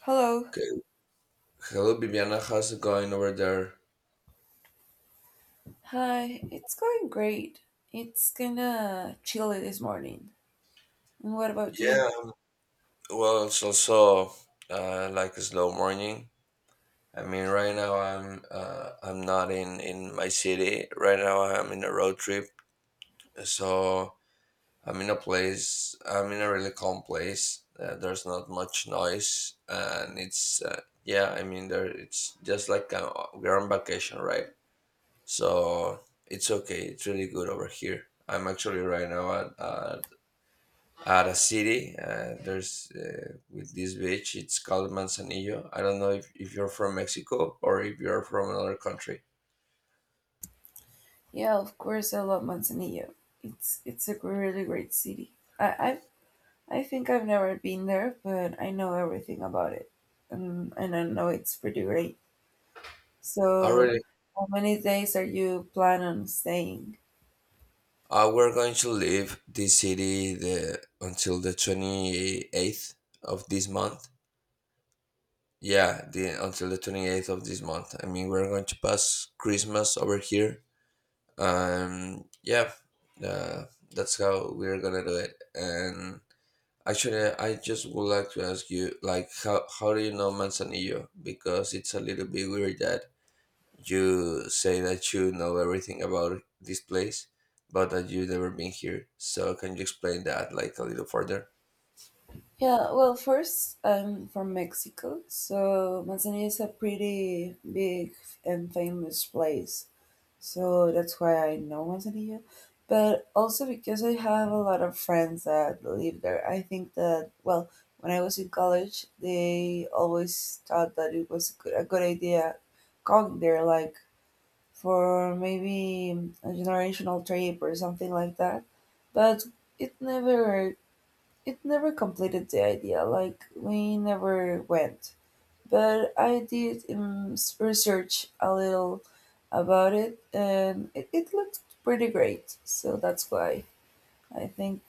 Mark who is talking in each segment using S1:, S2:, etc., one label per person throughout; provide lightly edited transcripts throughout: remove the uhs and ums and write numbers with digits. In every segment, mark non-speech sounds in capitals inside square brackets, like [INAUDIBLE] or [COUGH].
S1: Hello.
S2: Okay, hello, Viviana. How's it going over there?
S1: Hi, it's going great. It's kinda chilly this morning. And what about you?
S2: Yeah, well, it's also like a slow morning. I mean, right now I'm not in my city. Right now I'm in a road trip, so I'm in a place. I'm in a really calm place. There's not much noise, and it's yeah. I mean, there it's just like we're on vacation, right? So it's okay. It's really good over here. I'm actually right now at a city. There's with this beach. It's called Manzanillo. I don't know if you're from Mexico or if you're from another country.
S1: Yeah, of course I love Manzanillo. It's a really great city. I I think I've never been there, but I know everything about it. And I know it's pretty great.
S2: Oh,
S1: So,
S2: really?
S1: how many days are you plan on staying?
S2: We're going to leave this city the until the 28th of this month. Yeah, the until the 28th of this month. I mean, we're going to pass Christmas over here. Yeah, uh, that's how we're gonna do it. And actually, I just would like to ask you, like, how do you know Manzanillo? Because it's a little bit weird that you say that you know everything about this place, but that you've never been here. So can you explain that, like, a little further?
S1: Yeah, well, first, I'm from Mexico, so Manzanillo is a pretty big and famous place. So that's why I know Manzanillo. But also because I have a lot of friends that live there. I think that, well, when I was in college, they always thought that it was a good idea going there, like for maybe a generational trip or something like that. But it never, it never completed the idea. Like we never went. But I did research a little about it, and it looked pretty great. So that's why I think.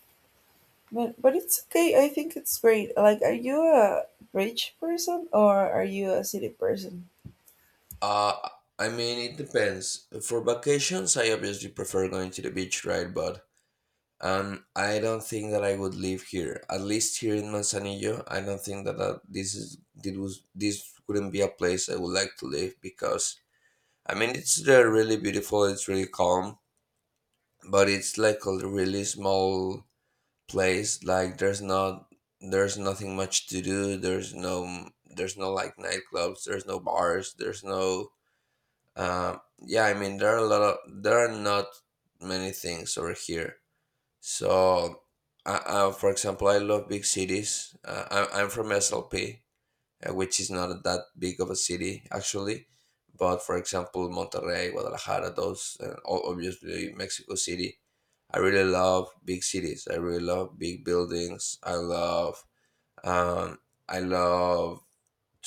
S1: But it's okay. I think it's great. Like, are you a rich person or are you a city person?
S2: Uh, I mean, it depends. For vacations, I obviously prefer going to the beach, right? But I don't think that I would live here. At least here in Manzanillo, I don't think that this is this was this wouldn't be a place I would like to live because I mean, it's there really beautiful. It's really calm, but it's like a really small place. Like there's nothing much to do. There's no like nightclubs. There's no bars. There's no yeah. I mean, there are a lot of there are not many things over here. So, for example, I love big cities. I'm from SLP, which is not that big of a city actually. But for example, Monterrey, Guadalajara, those, obviously Mexico City. I really love big cities. I really love big buildings. Um, I love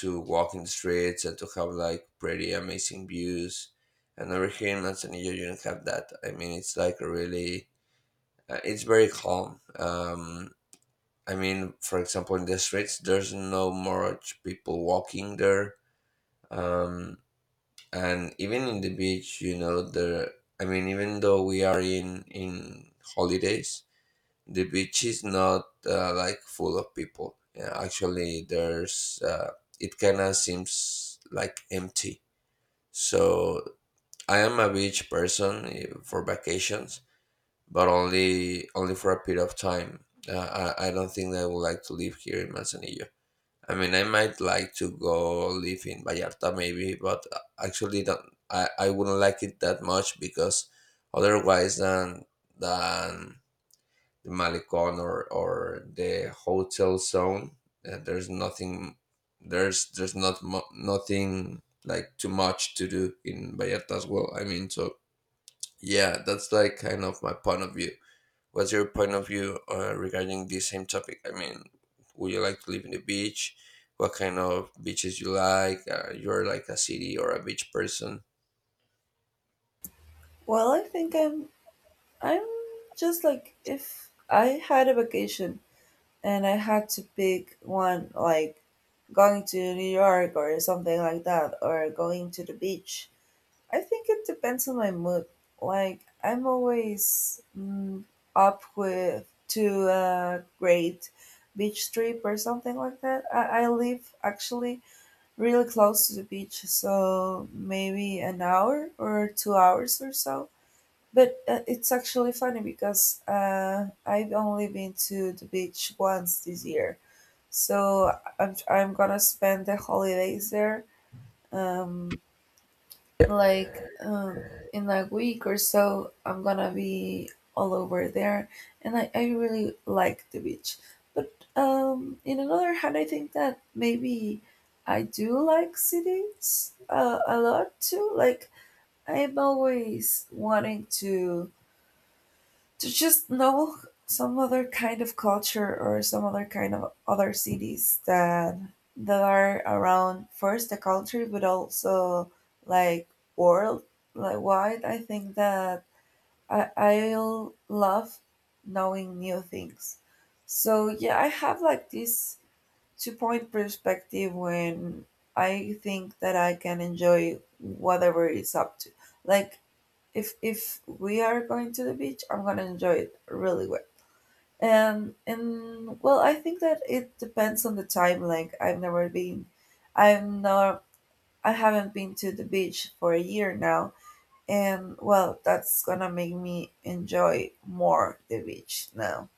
S2: to walk in the streets and to have like pretty amazing views. And over here in Manzanillo, you don't have that. I mean, it's like a really, it's very calm. I mean, for example, in the streets, there's no much people walking there, um, and even in the beach, there, I mean, even though we are in holidays, the beach is not like full of people, yeah, actually there's it kind of seems like empty. So I am a beach person, for vacations, but only for a period of time. I don't think that I would like to live here in Manzanillo. I mean, I might like to go live in Vallarta maybe, but actually don't, I wouldn't like it that much because otherwise than than the Malecon or the hotel zone, there's nothing, there's not mu nothing like too much to do in Vallarta as well. I mean, so yeah, that's like kind of my point of view. What's your point of view regarding this same topic? I mean, would you like to live in the beach? What kind of beaches you like? You're like a city or a beach person.
S1: Well, I think I'm. I'm just like if I had a vacation and I had to pick one, like going to New York or something like that, or going to the beach I think it depends on my mood. Like I'm always up with to a great beach trip or something like that. I live actually really close to the beach, so maybe an hour or 2 hours or so. But it's actually funny because I've only been to the beach once this year, so I'm gonna spend the holidays there. Um, like, in like a week or so, I'm gonna be all over there, and I really like the beach. But in another hand, I think that maybe I do like cities a lot too. Like, I'm always wanting to just know some other kind of culture or some other kind of other cities that are around first the country but also like world like wide I think that I'll love knowing new things. So yeah, I have like this two point perspective when I think that I can enjoy whatever is up to, like, if we are going to the beach, I'm gonna enjoy it really well. And well, I think that it depends on the time. Like I'm not, I haven't been to the beach for a year now, and well, that's gonna make me enjoy more the beach now.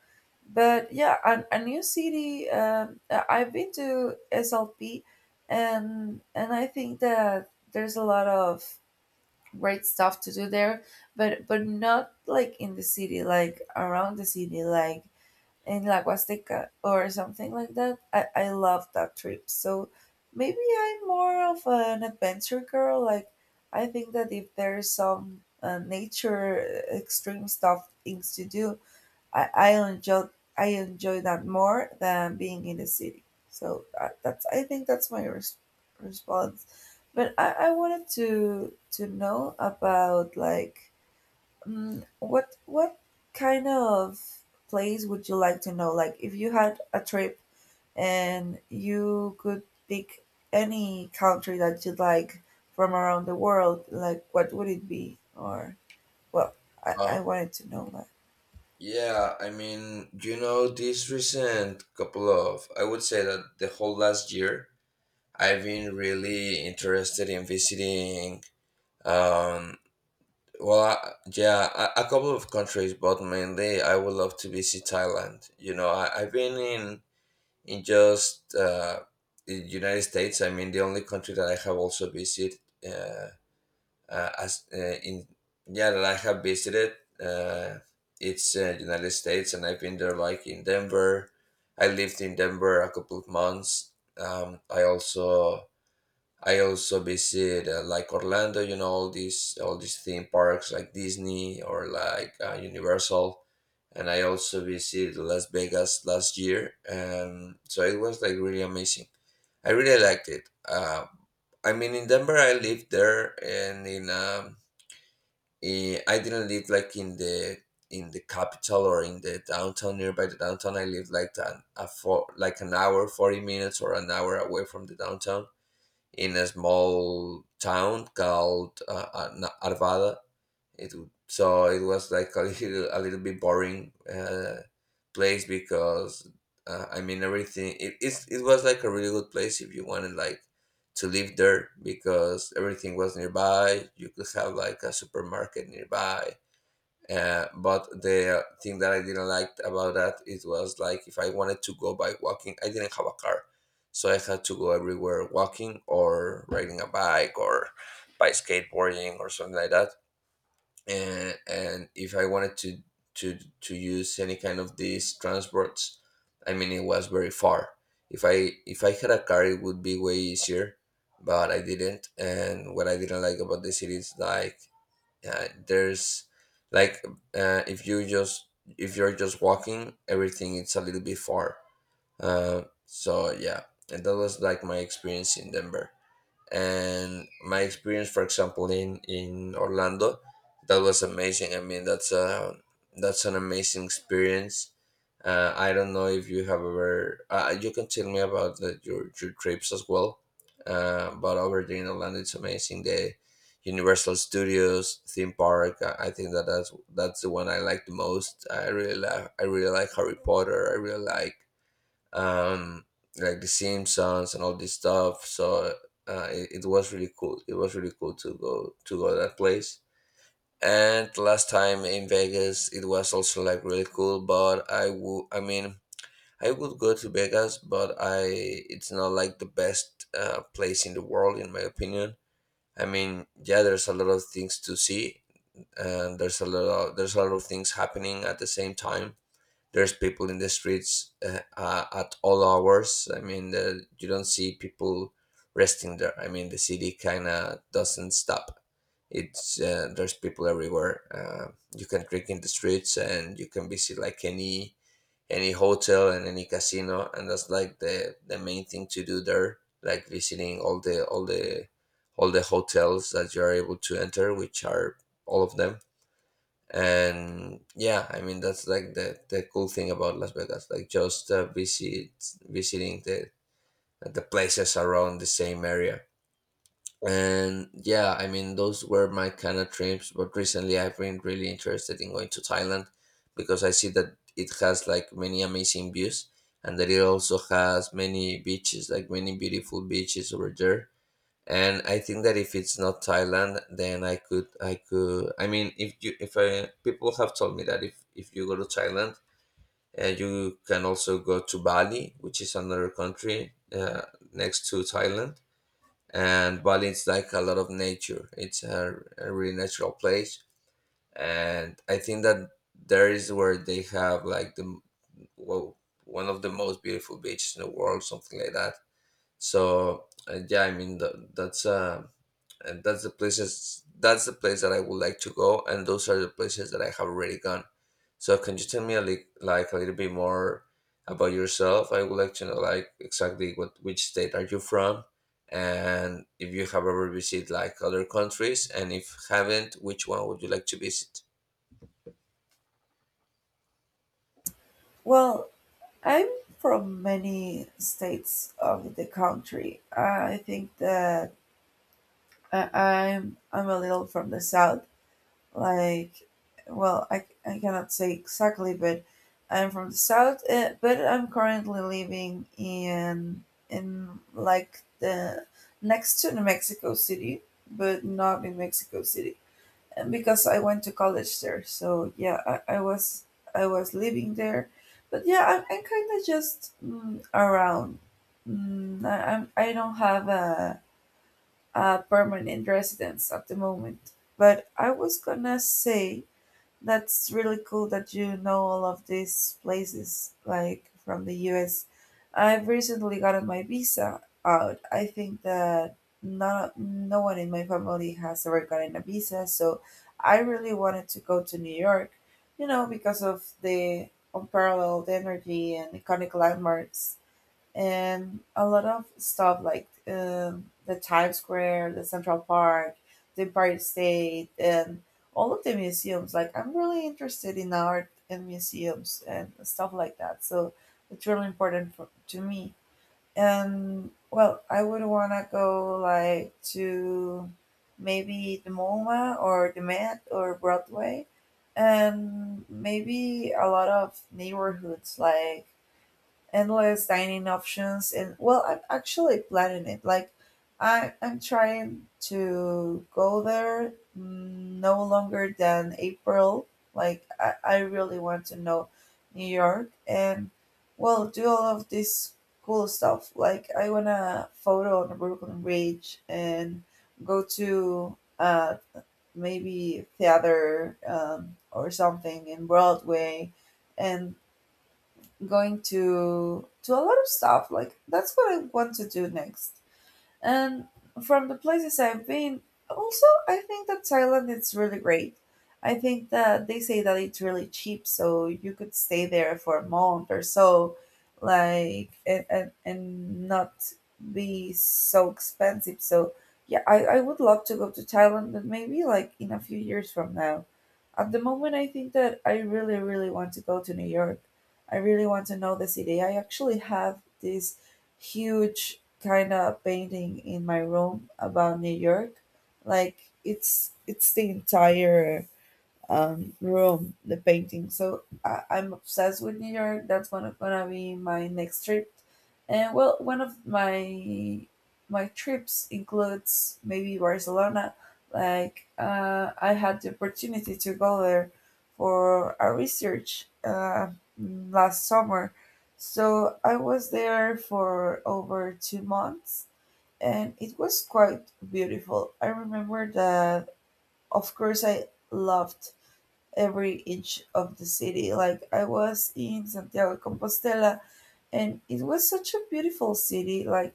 S1: But yeah, a new city. I've been to slp, and I think that there's a lot of great stuff to do there, but not like in the city, like around the city, like in La Huasteca or something like that. I love that trip. So maybe I'm more of an adventure girl. Like I think that if there's some nature extreme stuff things to do, I, I enjoy I enjoy that more than being in the city. So that's I think that's my response. But I wanted to know about like what kind of place would you like to know? Like if you had a trip and you could pick any country that you'd like from around the world, like what would it be? Or well, I
S2: Um,
S1: wanted to know that.
S2: yeah, I mean, you know, this recent couple of, I would say that the whole last year, I've been really interested in visiting, um, well, yeah, a couple of countries, but mainly I would love to visit Thailand. You know, I've been in just the United States. I mean, the only country that I have also visited uh, as in, yeah, that I have visited, uh, it's United States, and I've been there like in Denver. I lived in Denver a couple of months. Um, I also I also visit like Orlando. All these theme parks like Disney or like Universal, and I also visited Las Vegas last year, and so it was like really amazing. I really liked it. I mean, in Denver, I lived there, and I didn't live like in the capital or in the downtown, nearby the downtown. I lived like an hour, 40 minutes or an hour away from the downtown in a small town called Arvada. It So it was like a little bit boring place because I mean everything. It was like a really good place if you wanted like to live there because everything was nearby. You could have like a supermarket nearby. But the thing that I didn't like about that, it was like if I wanted to go by walking, I didn't have a car, so I had to go everywhere walking or riding a bike or by skateboarding or something like that. And if I wanted to use any kind of these transports, I mean it was very far. If I had a car, it would be way easier, but I didn't. And what I didn't like about the city is like there's like uh, if you just if you're just walking, everything it's a little bit far, so yeah. And that was like my experience in Denver. And my experience, for example, in Orlando, that was amazing. I mean, that's an amazing experience. I don't know if you have ever, you can tell me about your trips as well. But over there in Orlando, it's amazing, the Universal Studios theme park. I think that that's the one I like the most. I really like Harry Potter. I really like, um like the Simpsons and all this stuff. So it was really cool. To go that place. And last time in Vegas, it was also like really cool, but I mean, I would go to Vegas, but I it's not like the best place in the world, in my opinion. I mean, yeah, there's a lot of things to see, and there's a lot of things happening at the same time. There's people in the streets, at all hours. I mean, you don't see people resting there. I mean, the city kind of doesn't stop. It's There's people everywhere. You can drink in the streets, and you can visit like any hotel and any casino, and that's like the main thing to do there. Like visiting all the hotels that you are able to enter, which are all of them. And yeah, I mean, that's like the cool thing about Las Vegas, like just visiting the places around the same area. And yeah, I mean, those were my kind of trips, but recently I've been really interested in going to Thailand because I see that it has like many amazing views, and that it also has many beaches, like many beautiful beaches over there. And I think that if it's not Thailand, then I could, I mean, if you if I, people have told me that if you go to Thailand, you can also go to Bali, which is another country, next to Thailand. And Bali is like a lot of nature. It's a really natural place. And I think that there is where they have like the well, one of the most beautiful beaches in the world, something like that. So yeah, I mean that's and that's the places that's the place that I would like to go, and those are the places that I have already gone. So can you tell me like a little bit more about yourself? I would like to know like exactly what which state are you from, and if you have ever visited like other countries, and if haven't, which one would you like to visit?
S1: Well, I'm from many states of the country. I think that I'm a little from the south. Like, well, I cannot say exactly, but I'm from the south. But I'm currently living in like the next to New Mexico City, but not in Mexico City because I went to college there. So yeah, I was living there, but yeah, I'm kind of just around. I I don't have a permanent residence at the moment, but I was gonna say that's really cool that you know all of these places, like from the US. I've recently gotten my visa out. I think that not no one in my family has ever gotten a visa, so I really wanted to go to New York, you know, because of the unparalleled energy and iconic landmarks and a lot of stuff like the Times Square, the Central Park, the Empire State, and all of the museums. Like I'm really interested in art and museums and stuff like that. So it's really important to me. And well, I would want to go like to maybe the MoMA or the Met or Broadway, and maybe a lot of neighborhoods like endless dining options. And well, I'm actually planning it. Like I'm trying to go there no longer than April. Like I really want to know New York and well, do all of this cool stuff. Like I want to photo on the Brooklyn Bridge and go to maybe theater or something in Broadway, and going to a lot of stuff. Like that's what I want to do next. And from the places I've been, also, I think that Thailand is really great. I think that they say that it's really cheap, so you could stay there for a month or so, like, and, and not be so expensive. So, yeah, I would love to go to Thailand, but maybe like in a few years from now. At the moment, I think that I really, really want to go to New York. I really want to know the city. I actually have this huge kind of painting in my room about New York. Like it's the entire Rome, the painting. So I'm obsessed with New York. That's one of, gonna be my next trip. And well, one of my trips includes maybe Barcelona. Like I had the opportunity to go there for a research last summer. So I was there for over 2 months and it was quite beautiful. I remember that, of course, I loved every inch of the city. Like I was in Santiago de Compostela and it was such a beautiful city. Like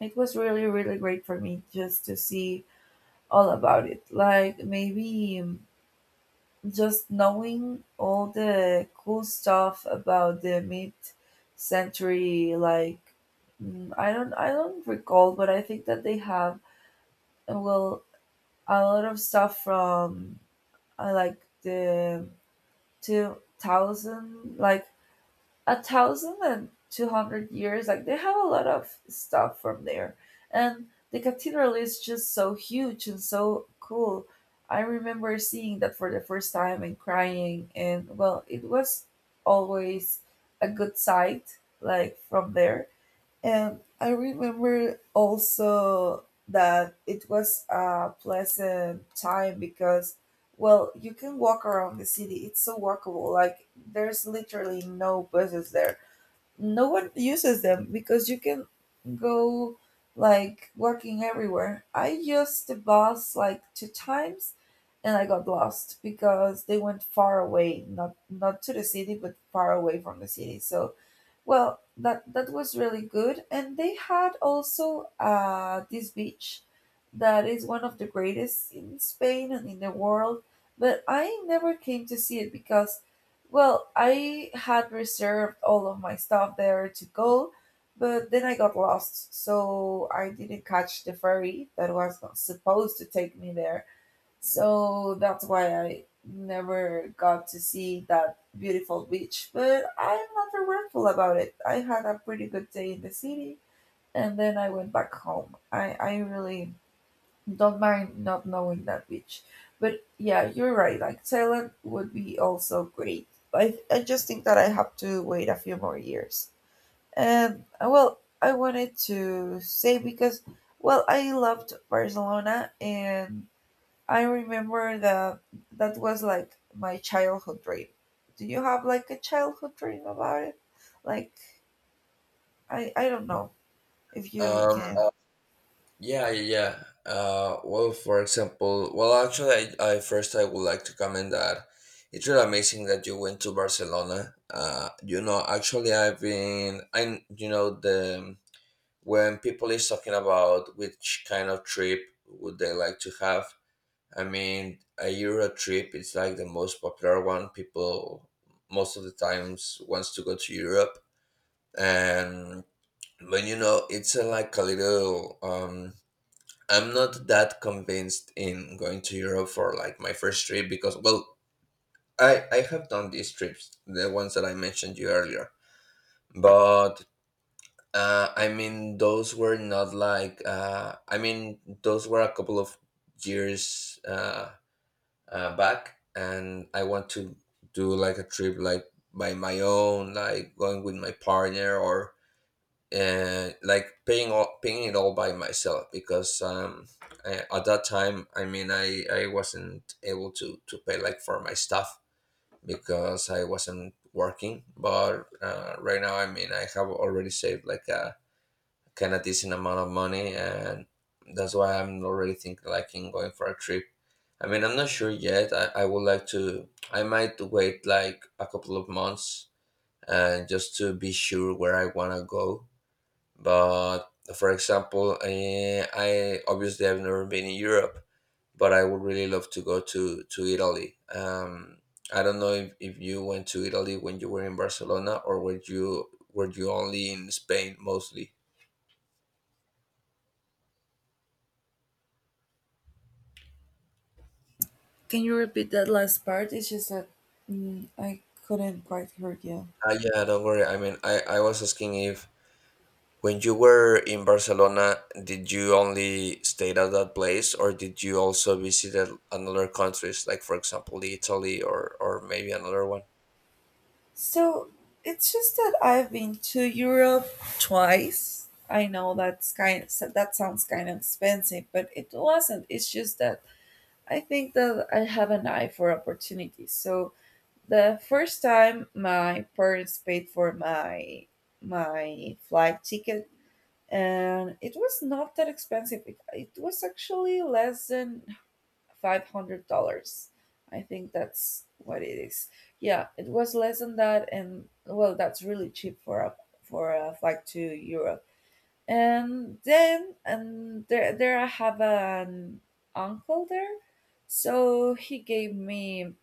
S1: it was really, really great for me just to see all about it. Like maybe just knowing all the cool stuff about the mid century. Like I don't recall, but I think that they have well, a lot of stuff from like the 2000, like 1,200 years, like they have a lot of stuff from there. And the cathedral is just so huge and so cool. I remember seeing that for the first time and crying, and well, it was always a good sight, like, from there. And I remember also that it was a pleasant time because, well, you can walk around the city. It's so walkable. Like, there's literally no buses there. No one uses them because you can go, like, walking everywhere. I used the bus, like, two times and I got lost because they went far away, not to the city, but far away from the city. So, well, that was really good, and they had also this beach that is one of the greatest in Spain and in the world. But I never came to see it because, well, I had reserved all of my stuff there to go, but then I got lost, so I didn't catch the ferry that was not supposed to take me there. So that's why I never got to see that beautiful beach. But I'm not regretful about it. I had a pretty good day in the city and then I went back home. I really don't mind not knowing that beach. But yeah, you're right. Like Thailand would be also great. I just think that I have to wait a few more years. And well, I wanted to say because, well, I loved Barcelona and I remember that that was like my childhood dream. Do you have like a childhood dream about it? Like I don't know if you
S2: Um,
S1: can.
S2: Yeah, yeah. Yeah. Well, for example, well, actually, I first I would like to comment that it's really amazing that you went to Barcelona. Actually, I've been, I, you know, the when people is talking about which kind of trip would they like to have, I mean, a Euro trip is like the most popular one. People most of the times wants to go to Europe, and but you know, it's a, like a little I'm not that convinced in going to Europe for like my first trip because well I have done these trips, the ones that I mentioned you earlier, but I mean those were not like I mean those were a couple of years back, and I want to do like a trip like by my own, like going with my partner or, and like paying it all by myself because I, at that time, I wasn't able to pay like for my stuff because I wasn't working. But right now, I mean, I have already saved like a kind of decent amount of money, and that's why I'm already thinking like in going for a trip. I mean, I'm not sure yet. I would like to, I might wait like a couple of months and just to be sure where I want to go. But for example, I obviously I've never been in Europe, but I would really love to go to Italy. I don't know if you went to Italy when you were in Barcelona, or were you only in Spain mostly?
S1: Can you repeat that last part? It's just that I couldn't quite hear you.
S2: Ah, yeah, don't worry. I mean, I was asking if when you were in Barcelona, did you only stayed at that place, or did you also visited another countries, like for example, Italy, or maybe another one?
S1: So it's just that I've been to Europe twice. I know that's kind so that sounds kind of expensive, but it wasn't. It's just that I think that I have an eye for opportunities. So the first time my parents paid for my flight ticket and it was not that expensive. It was actually less than $500. I think that's what it is. Yeah, it was less than that and well, that's really cheap for a flight to Europe. And then and there I have an uncle there. So he gave me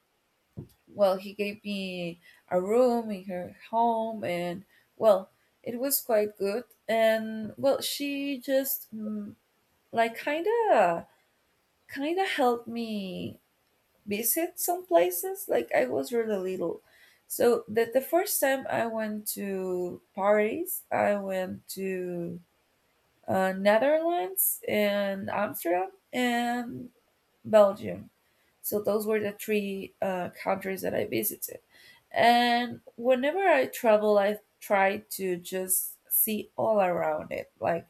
S1: well, he gave me a room in her home, and well, it was quite good. And well, she just like kind of kind of helped me visit some places. Like, I was really little, so that the first time I went to Paris, I went to Netherlands and Amsterdam and Belgium. So those were the three countries that I visited, and whenever I travel, I try to just see all around it. Like,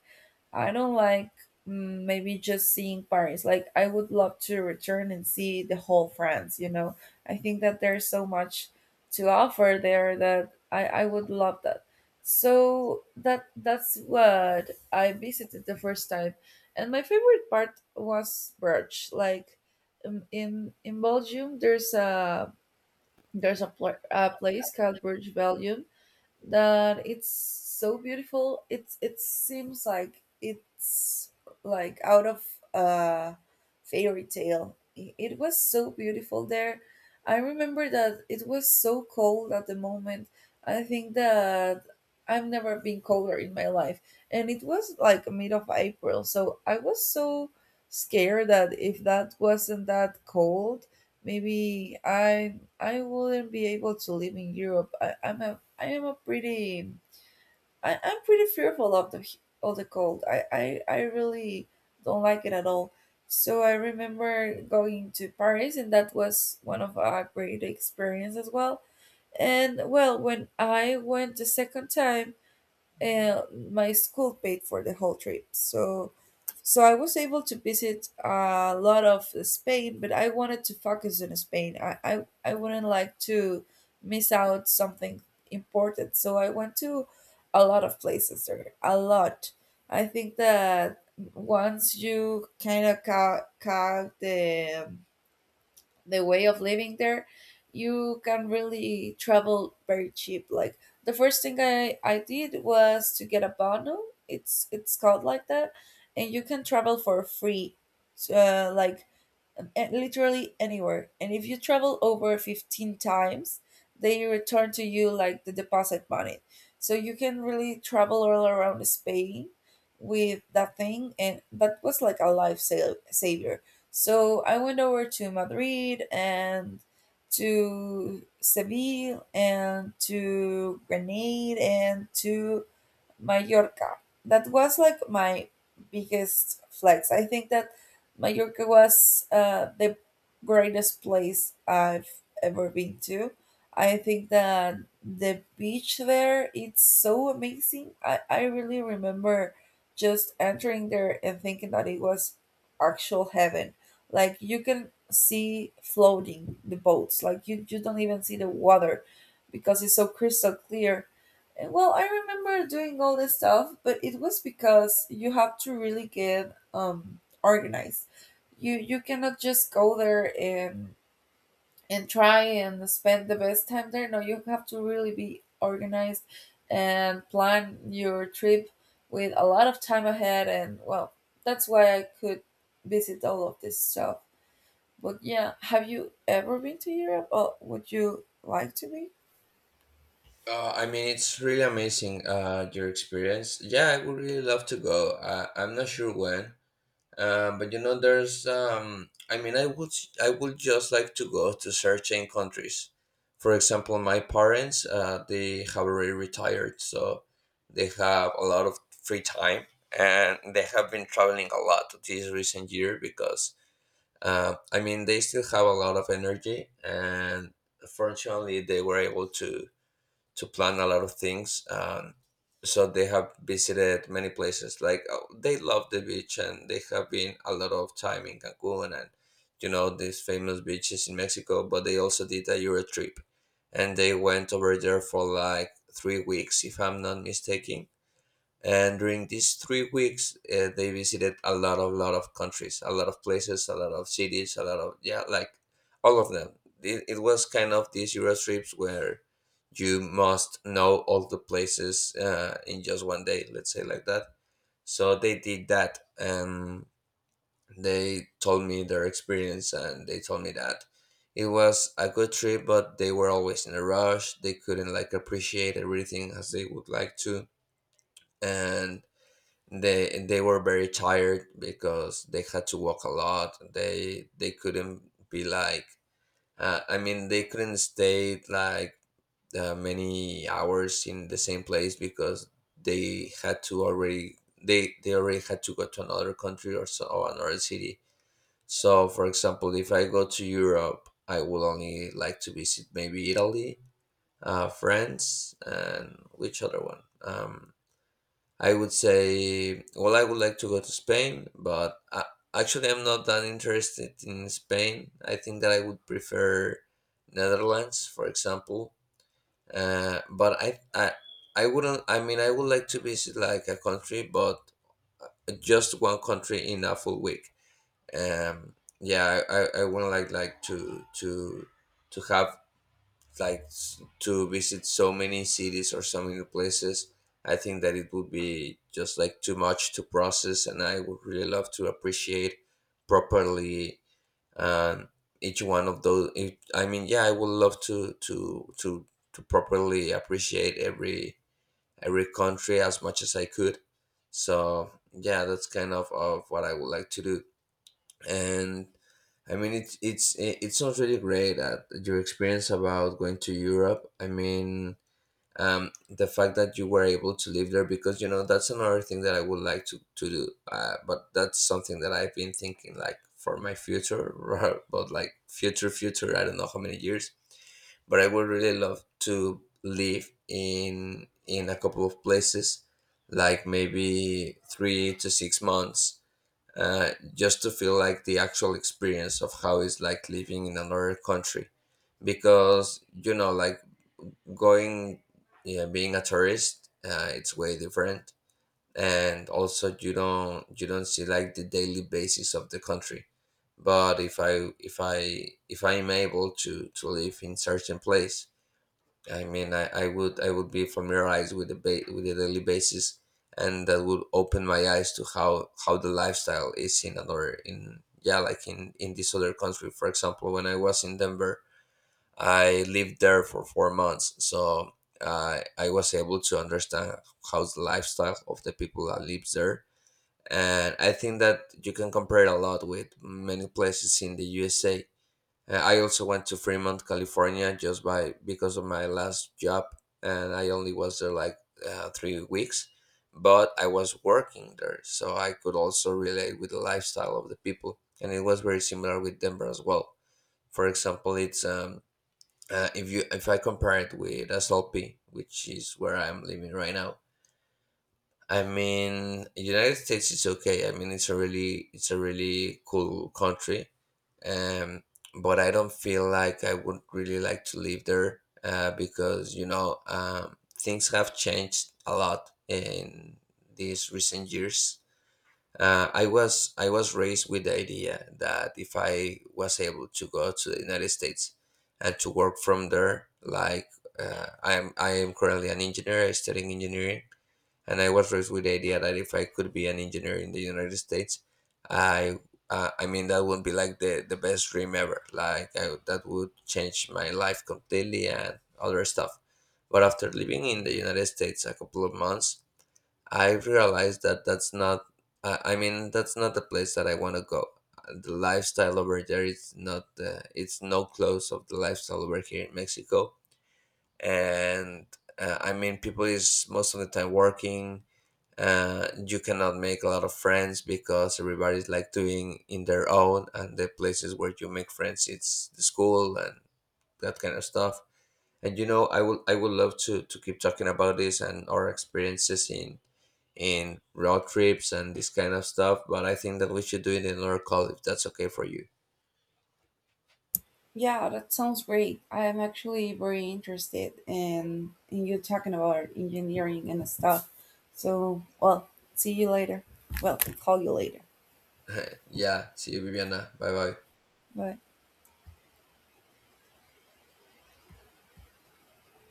S1: I don't like maybe just seeing Paris. Like, I would love to return and see the whole France, you know? I think that there's so much to offer there that I would love that. So that's what I visited the first time. And my favorite part was Bruges. Like in Belgium, there's a a place called Burj Belgium that it's so beautiful. It seems like it's like out of a fairy tale. It was so beautiful there. I remember that it was so cold at the moment. I think that I've never been colder in my life, and it was like mid of April, so I was so scared that if that wasn't that cold, maybe I wouldn't be able to live in Europe. I am a pretty I'm pretty fearful of the cold. I really don't like it at all. So I remember going to Paris, and that was one of our great experience as well. And well, when I went the second time, and my school paid for the whole trip. So I was able to visit a lot of Spain, but I wanted to focus on Spain. I wouldn't like to miss out something important. So I went to a lot of places there. A lot. I think that once you count the way of living there, you can really travel very cheap. Like, the first thing I did was to get a bundle. It's called like that, and you can travel for free. So, and literally anywhere. And if you travel over 15 times, they return to you like the deposit money. So you can really travel all around Spain with that thing, and that was like a saver. So I went over to Madrid and to Seville and to Grenade and to Mallorca. That was like my biggest flex. I think that Mallorca was the greatest place I've ever been to. I think that the beach there it's so amazing. I really remember just entering there and thinking that it was actual heaven. Like, you can see floating the boats. Like, you don't even see the water because it's so crystal clear. Well, I remember doing all this stuff, but it was because you have to really get organized. You cannot just go there and try and spend the best time there. No, you have to really be organized and plan your trip with a lot of time ahead, and well, that's why I could visit all of this stuff. But yeah, have you ever been to Europe or would you like to be?
S2: I mean, it's really amazing your experience. Yeah, I would really love to go. I'm not sure when, but you know, there's. I mean, I would just like to go to certain countries. For example, my parents they have already retired, so they have a lot of free time, and they have been traveling a lot this recent year because I mean they still have a lot of energy, and fortunately they were able to plan a lot of things. So they have visited many places. Like they love the beach, and they have been a lot of time in Cancun and you know these famous beaches in Mexico. But they also did a Euro trip, and they went over there for like 3 weeks, if I'm not mistaken, and during these 3 weeks they visited a lot of countries, a lot of places, a lot of cities, a lot of, yeah, like all of them. It was kind of these Euro trips where you must know all the places in just one day, let's say like that. So they did that, and they told me their experience, and they told me that it was a good trip, but they were always in a rush. They couldn't like appreciate everything as they would like to, and they were very tired because they had to walk a lot. They couldn't be like I mean, they couldn't stay like many hours in the same place because they had to already, they already had to go to another country or so, or another city. So for example, if I go to Europe, I will only like to visit maybe Italy, France, and which other one. I would say, well, I would like to go to Spain, but actually, I'm not that interested in Spain. I think that I would prefer Netherlands, for example. But I wouldn't. I mean, I would like to visit like a country, but just one country in a full week. Yeah, I wouldn't like to have like to visit so many cities or so many places. I think that it would be just like too much to process, and I would really love to appreciate properly, um, each one of those. I mean, yeah, I would love to to properly appreciate every country as much as I could. So yeah, that's kind of what I would like to do. And I mean, it sounds really great at your experience about going to Europe. I mean, the fact that you were able to live there, because you know, that's another thing that I would like to do. But that's something that I've been thinking like for my future, [LAUGHS] but like future future. I don't know how many years, but I would really love to live in a couple of places, like maybe 3 to 6 months, just to feel like the actual experience of how it's like living in another country, because you know, like going, yeah, being a tourist, it's way different. And also, you don't see like the daily basis of the country. But if I'm able to live in certain place, I mean, I would be familiarized with the with the daily basis, and that would open my eyes to how the lifestyle is in other, in, yeah, like in this other country. For example, when I was in Denver, I lived there for 4 months, so I was able to understand how's the lifestyle of the people that lives there, and I think that you can compare it a lot with many places in the USA. I also went to Fremont, California, just by because of my last job, and I only was there like 3 weeks, but I was working there, so I could also relate with the lifestyle of the people, and it was very similar with Denver as well. For example, it's if you, if I compare it with SLP, which is where I'm living right now. I mean, United States is okay. I mean, it's a really cool country, um, but I don't feel like I would really like to live there because you know, things have changed a lot in these recent years. I was raised with the idea that if I was able to go to the United States and to work from there, like I am currently an engineer, I'm studying engineering, and I was raised with the idea that if I could be an engineer in the United States, I I mean that would be like the best dream ever. That would change my life completely and other stuff. But after living in the United States a couple of months, I realized that that's not. I mean that's not the place that I want to go. The lifestyle over there is not. It's no close of the lifestyle over here in Mexico. And I mean people is most of the time working. You cannot make a lot of friends because everybody's like doing in their own, and the places where you make friends it's the school and that kind of stuff. And you know, I would love to keep talking about this and our experiences in road trips and this kind of stuff, but I think that we should do it in another call if that's okay for you.
S1: Yeah, that sounds great. I am actually very interested in you talking about engineering and stuff. So, well, see you later. Well, call you later.
S2: Yeah, see you, Viviana. Bye bye
S1: Bye.